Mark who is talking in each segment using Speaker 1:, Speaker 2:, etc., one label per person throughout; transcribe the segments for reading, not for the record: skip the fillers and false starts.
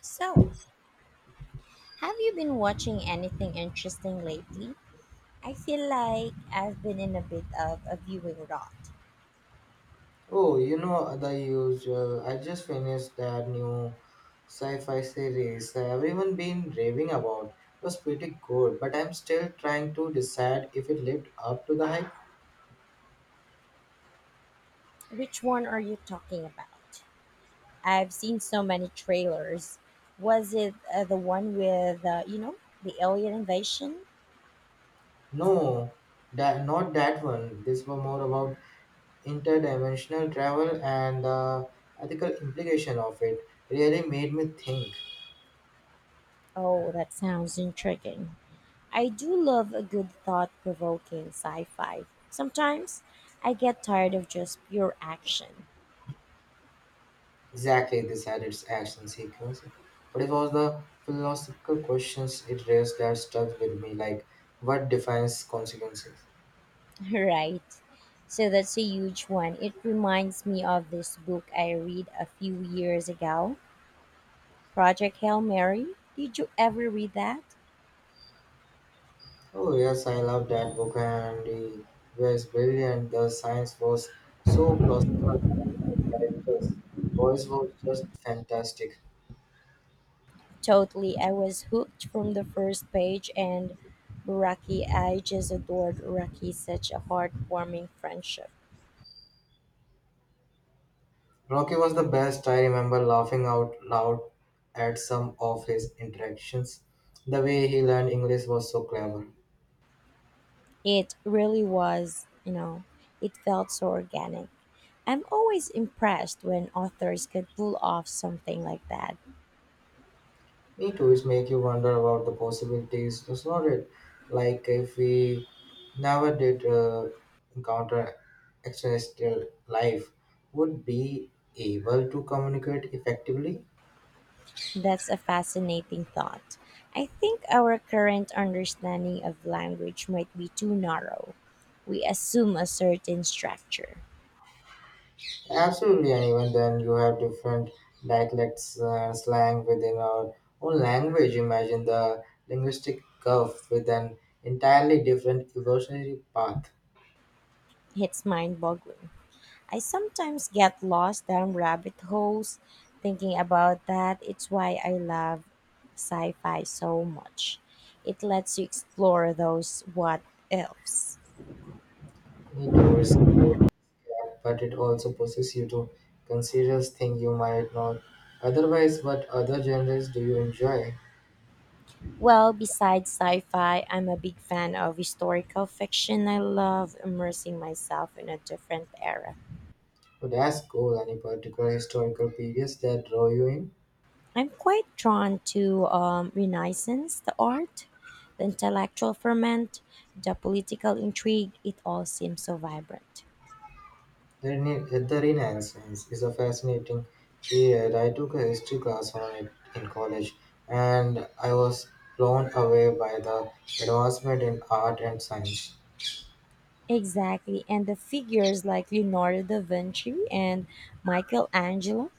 Speaker 1: So, have you been watching anything interesting lately? I feel like I've been in a bit of a viewing rot.
Speaker 2: Oh, you know the usual. I just finished that new sci-fi series that everyone been raving about. It was pretty good, but I'm still trying to decide if it lived up to the hype.
Speaker 1: Which one are you talking about? I've seen so many trailers. Was it the one with, the alien invasion?
Speaker 2: No, that not that one. This was more about interdimensional travel and the ethical implication of it. Really made me think.
Speaker 1: Oh, that sounds intriguing. I do love a good thought provoking sci fi. Sometimes I get tired of just pure action.
Speaker 2: Exactly, this had its action sequence, but it was the philosophical questions it raised that stuck with me, like what defines consequences.
Speaker 1: Right. So that's a huge one. It reminds me of this book I read a few years ago, Project Hail Mary. Did you ever read that?
Speaker 2: Oh yes, I love that book, and it was brilliant. The science was so plausible, and the characters' voice was just fantastic.
Speaker 1: Totally. I was hooked from the first page and Raki, I just adored Raki, such a heartwarming friendship.
Speaker 2: Rocky was the best. I remember laughing out loud at some of his interactions. The way he learned English was so clever.
Speaker 1: It really was, it felt so organic. I'm always impressed when authors could pull off something like that.
Speaker 2: Me too, it make you wonder about the possibilities, does not it? Like if we never did encounter extraterrestrial life, would be able to communicate effectively?
Speaker 1: That's a fascinating thought. I think our current understanding of language might be too narrow. We assume a certain structure.
Speaker 2: Absolutely, and even then you have different dialects, slang within our own language. Imagine the linguistic curve with an entirely different evolutionary path.
Speaker 1: It's mind boggling. I sometimes get lost down rabbit holes thinking about that. It's why I love sci fi so much. It lets you explore those what ifs.
Speaker 2: It does, but it also pushes you to consider things you might not otherwise. What other genres do you enjoy?
Speaker 1: Well, besides sci fi, I'm a big fan of historical fiction. I love immersing myself in a different era.
Speaker 2: But ask cool. Any particular historical periods that draw you in?
Speaker 1: I'm quite drawn to Renaissance, the art, the intellectual ferment, the political intrigue. It all seems so vibrant.
Speaker 2: The Renaissance is a fascinating period. I took a history class on it in college, and I was blown away by the advancement in art and science.
Speaker 1: Exactly. And the figures like Leonardo da Vinci and Michelangelo,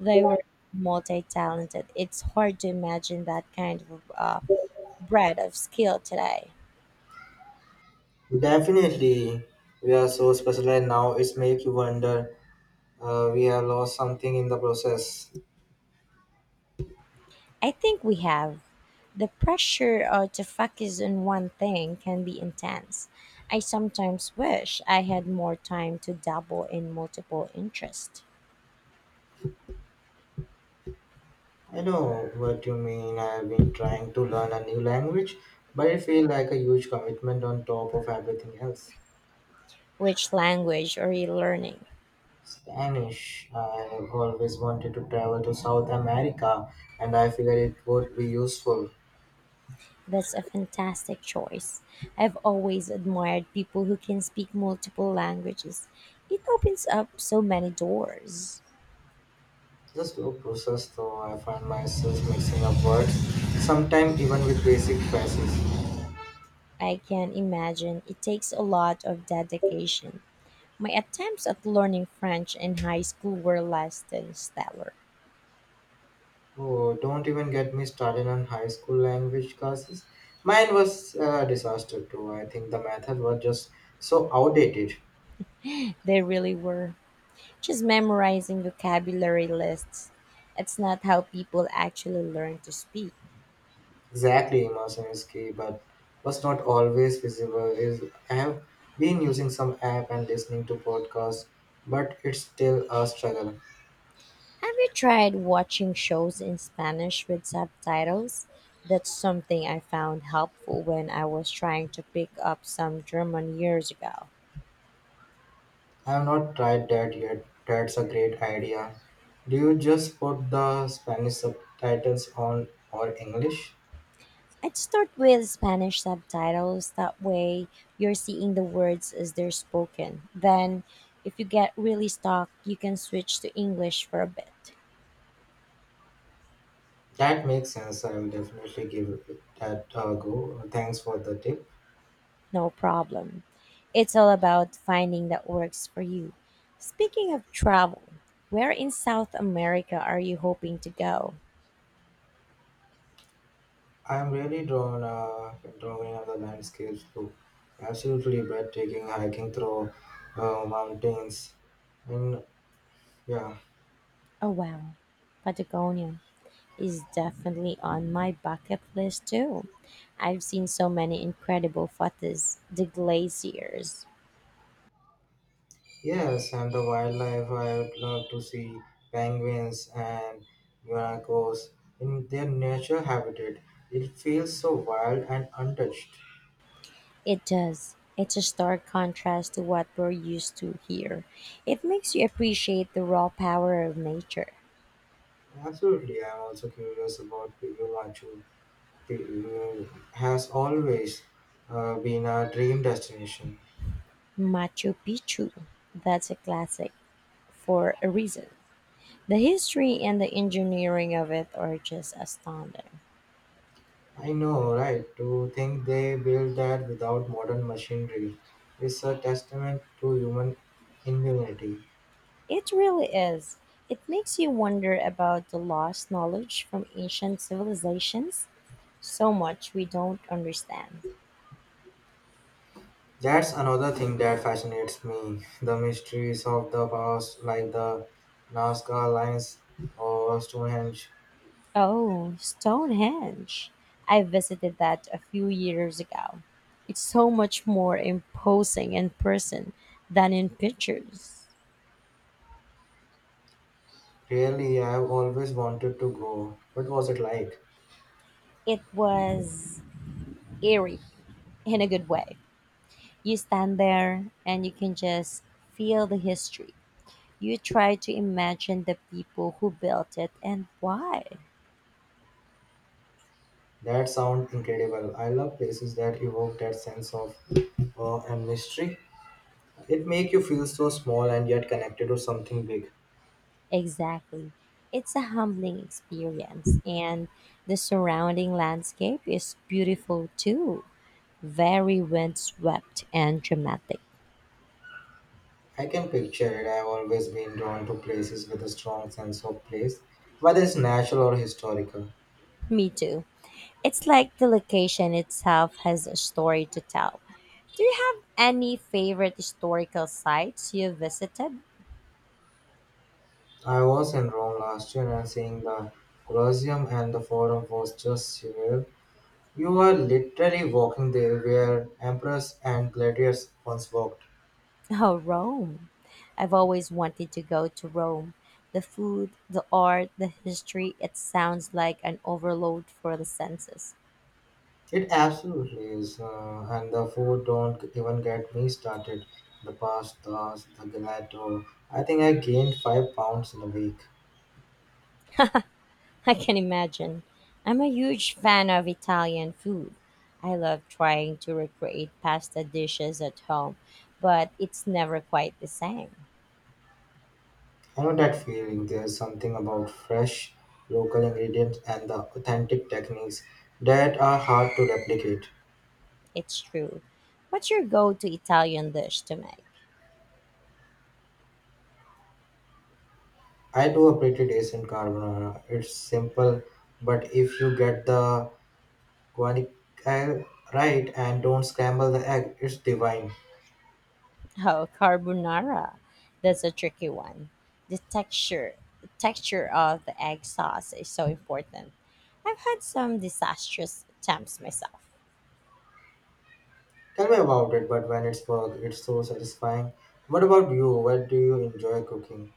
Speaker 1: they were multi talented. It's hard to imagine that kind of breadth of skill today.
Speaker 2: Definitely, we are so specialized now. It's make you wonder. We have lost something in the process.
Speaker 1: I think we have. The pressure to focus on one thing can be intense. I sometimes wish I had more time to dabble in multiple interests.
Speaker 2: I know what you mean. I have been trying to learn a new language, but it feels like a huge commitment on top of everything else.
Speaker 1: Which language are you learning?
Speaker 2: Spanish. I have always wanted to travel to South America, and I figured it would be useful.
Speaker 1: That's a fantastic choice. I've always admired people who can speak multiple languages. It opens up so many doors.
Speaker 2: The slow process, though, I find myself mixing up words, sometimes even with basic phrases.
Speaker 1: I can imagine it takes a lot of dedication. My attempts at learning French in high school were less than stellar.
Speaker 2: Oh, don't even get me started on high school language classes. Mine was a disaster too. I think the method was just so outdated.
Speaker 1: They really were. Just memorizing vocabulary lists. It's not how people actually learn to speak.
Speaker 2: Exactly, immersion is key, but was not always visible. Is I have been using some app and listening to podcasts, but it's still a struggle.
Speaker 1: Have you tried watching shows in Spanish with subtitles? That's something I found helpful when I was trying to pick up some German years ago.
Speaker 2: I have not tried that yet. That's a great idea. Do you just put the Spanish subtitles on or English?
Speaker 1: I'd start with Spanish subtitles, that way you're seeing the words as they're spoken. Then, if you get really stuck, you can switch to English for a bit.
Speaker 2: That makes sense. I will definitely give it that a go. Thanks for the tip.
Speaker 1: No problem. It's all about finding that works for you. Speaking of travel, where in South America are you hoping to go?
Speaker 2: I am really drawn in the landscapes. Look, absolutely breathtaking hiking through mountains, and yeah,
Speaker 1: Oh, wow. Patagonia is definitely on my bucket list too. I've seen so many incredible photos, the glaciers.
Speaker 2: yes, and the wildlife. I would love to see penguins and guanacos in their natural habitat. It feels so wild and untouched.
Speaker 1: It does. It's a stark contrast to what we're used to here. It makes you appreciate the raw power of nature.
Speaker 2: Absolutely, I am also curious about Piru Machu has always been a dream destination.
Speaker 1: Machu Picchu, that's a classic. For a reason. The history and the engineering of it are just astounding.
Speaker 2: I know, right? To think they built that without modern machinery is a testament to human ingenuity.
Speaker 1: It really is. It makes you wonder about the lost knowledge from ancient civilizations. So much we don't understand.
Speaker 2: That's another thing that fascinates me the mysteries of the past, like the Nazca Lines or Stonehenge.
Speaker 1: Oh, Stonehenge. I visited that a few years ago. It's so much more imposing in person than in pictures.
Speaker 2: Really, I've always wanted to go. What was it like?
Speaker 1: It was eerie in a good way. You stand there and you can just feel the history. You try to imagine the people who built it and why.
Speaker 2: That sounds incredible. I love places that evoke that sense of awe and mystery. It make you feel so small and yet connected to something big.
Speaker 1: Exactly. It's a humbling experience, and the surrounding landscape is beautiful too. Very windswept and dramatic.
Speaker 2: I can picture it. I've always been drawn to places with a strong sense of place, whether it's natural or historical.
Speaker 1: Me too. It's like the location itself has a story to tell. Do you have any favorite historical sites you visited?
Speaker 2: I was in Rome last year and seeing the Colosseum and the Forum was just surreal. You are literally walking there where emperors and gladiators once walked.
Speaker 1: Oh, Rome. I've always wanted to go to Rome. The food, the art, the history, it sounds like an overload for the senses.
Speaker 2: It absolutely is, and the food don't even get me started. The pastas, the gelato. I think I gained 5 pounds in a week.
Speaker 1: I can imagine. I'm a huge fan of Italian food. I love trying to recreate pasta dishes at home, but it's never quite the same.
Speaker 2: I know that feeling. There's something about fresh local ingredients and the authentic techniques that are hard to replicate.
Speaker 1: It's true. What's your go to Italian dish to make?
Speaker 2: I do a pretty decent carbonara. It's simple, but if you get the guacamole right and don't scramble the egg, it's divine.
Speaker 1: Oh, carbonara. That's a tricky one. The texture, the texture of the egg sauce is so important. I've had some disastrous attempts myself.
Speaker 2: Tell me about it, but when it's work, it's so satisfying. What about you? What do you enjoy cooking?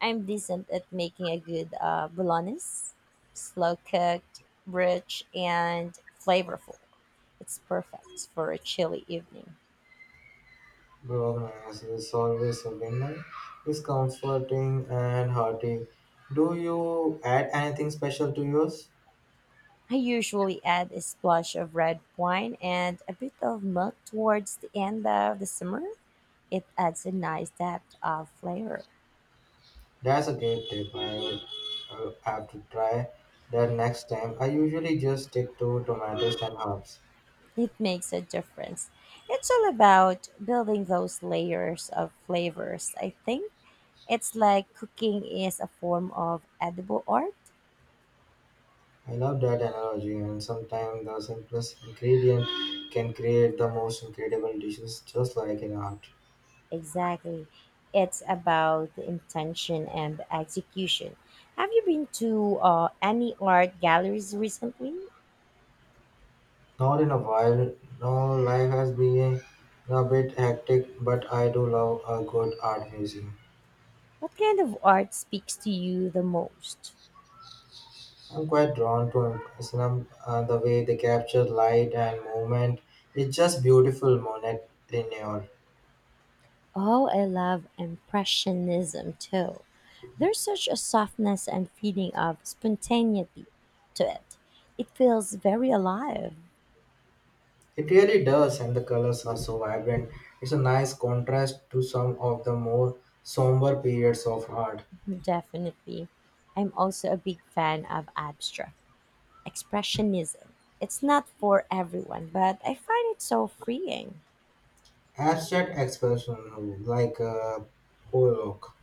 Speaker 1: I'm decent at making a good bolognese, slow cooked, rich, and flavorful. It's perfect for a chilly evening.
Speaker 2: Brokenness is always a winner. It's comforting and hearty. Do you add anything special to yours?
Speaker 1: I usually add a splash of red wine and a bit of milk towards the end of the simmer. It adds a nice depth of flavor.
Speaker 2: That's a great tip. I will have to try that next time. I usually just stick to tomatoes and herbs.
Speaker 1: It makes a difference. It's all about building those layers of flavors, I think. It's like cooking is a form of edible art.
Speaker 2: I love that analogy, and sometimes the simplest ingredient can create the most incredible dishes, just like in art.
Speaker 1: Exactly. It's about the intention and the execution. Have you been to any art galleries recently?
Speaker 2: Not in a while. No, life has been a bit hectic, but I do love a good art museum.
Speaker 1: What kind of art speaks to you the most?
Speaker 2: I'm quite drawn to him. Islam, the way they capture light and movement. It's just beautiful, Monet Lenoir.
Speaker 1: Oh, I love Impressionism too. There's such a softness and feeling of spontaneity to it. It feels very alive,
Speaker 2: It really does, and the colors are so vibrant. It's a nice contrast to some of the more somber periods of art.
Speaker 1: definitely. I'm also a big fan of abstract expressionism. It's not for everyone, but I find it so freeing.
Speaker 2: Abstract expression, like Pollock.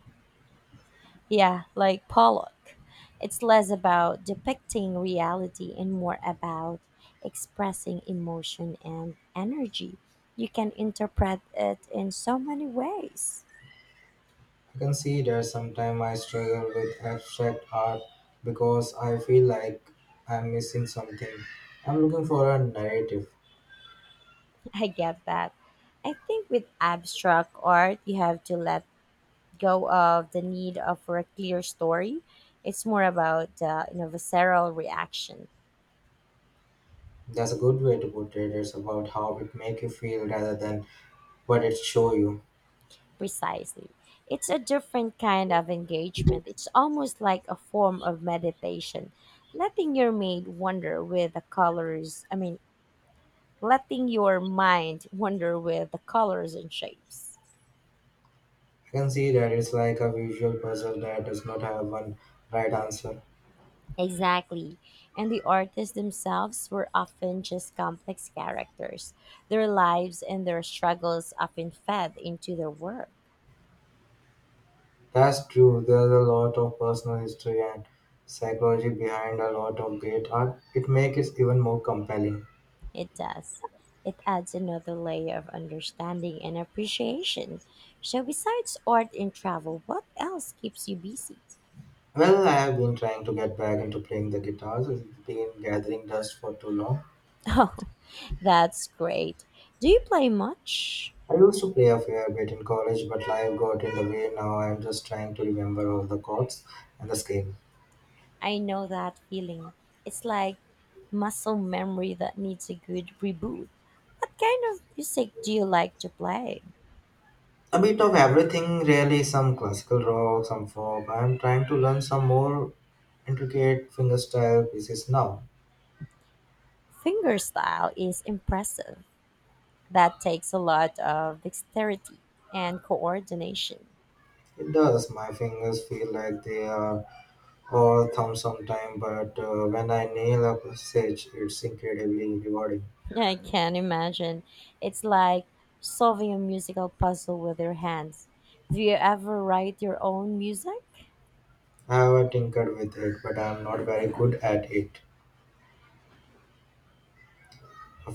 Speaker 1: Yeah, like Pollock. It's less about depicting reality and more about expressing emotion and energy. You can interpret it in so many ways.
Speaker 2: I can see that sometimes I struggle with abstract art because I feel like I'm missing something. I'm looking for a narrative.
Speaker 1: I get that. I think with abstract art, you have to let go of the need of for a clear story. It's more about visceral reaction.
Speaker 2: That's a good way to put it. It's about how it make you feel rather than what it show you.
Speaker 1: Precisely. It's a different kind of engagement. It's almost like a form of meditation. Letting your mind wander with the colors, I mean, letting your mind wander with the colors and shapes.
Speaker 2: I can see that it's like a visual puzzle that does not have one right answer.
Speaker 1: Exactly. And the artists themselves were often just complex characters. Their lives and their struggles often fed into their work.
Speaker 2: That's true. There's a lot of personal history and psychology behind a lot of great art. It makes it even more compelling.
Speaker 1: It does. It adds another layer of understanding and appreciation. So, besides art and travel, what else keeps you busy?
Speaker 2: Well, I have been trying to get back into playing the guitars. It's been gathering dust for too long.
Speaker 1: Oh, that's great. Do you play much?
Speaker 2: I used to play a fair bit in college, but life got in the way. Now I'm just trying to remember all the chords and the scale.
Speaker 1: I know that feeling. It's like muscle memory that needs a good reboot. What kind of music do you like to play?
Speaker 2: A bit of everything, really. Some classical rock, some folk. I'm trying to learn some more intricate fingerstyle pieces now.
Speaker 1: Fingerstyle is impressive. That takes a lot of dexterity and coordination.
Speaker 2: It does. My fingers feel like they are all thumbs sometimes, but when I nail a passage, it's incredibly rewarding.
Speaker 1: I can imagine. It's like solving a musical puzzle with your hands. Do you ever write your own music?
Speaker 2: I have tinkered with it, but I'm not very good at it. I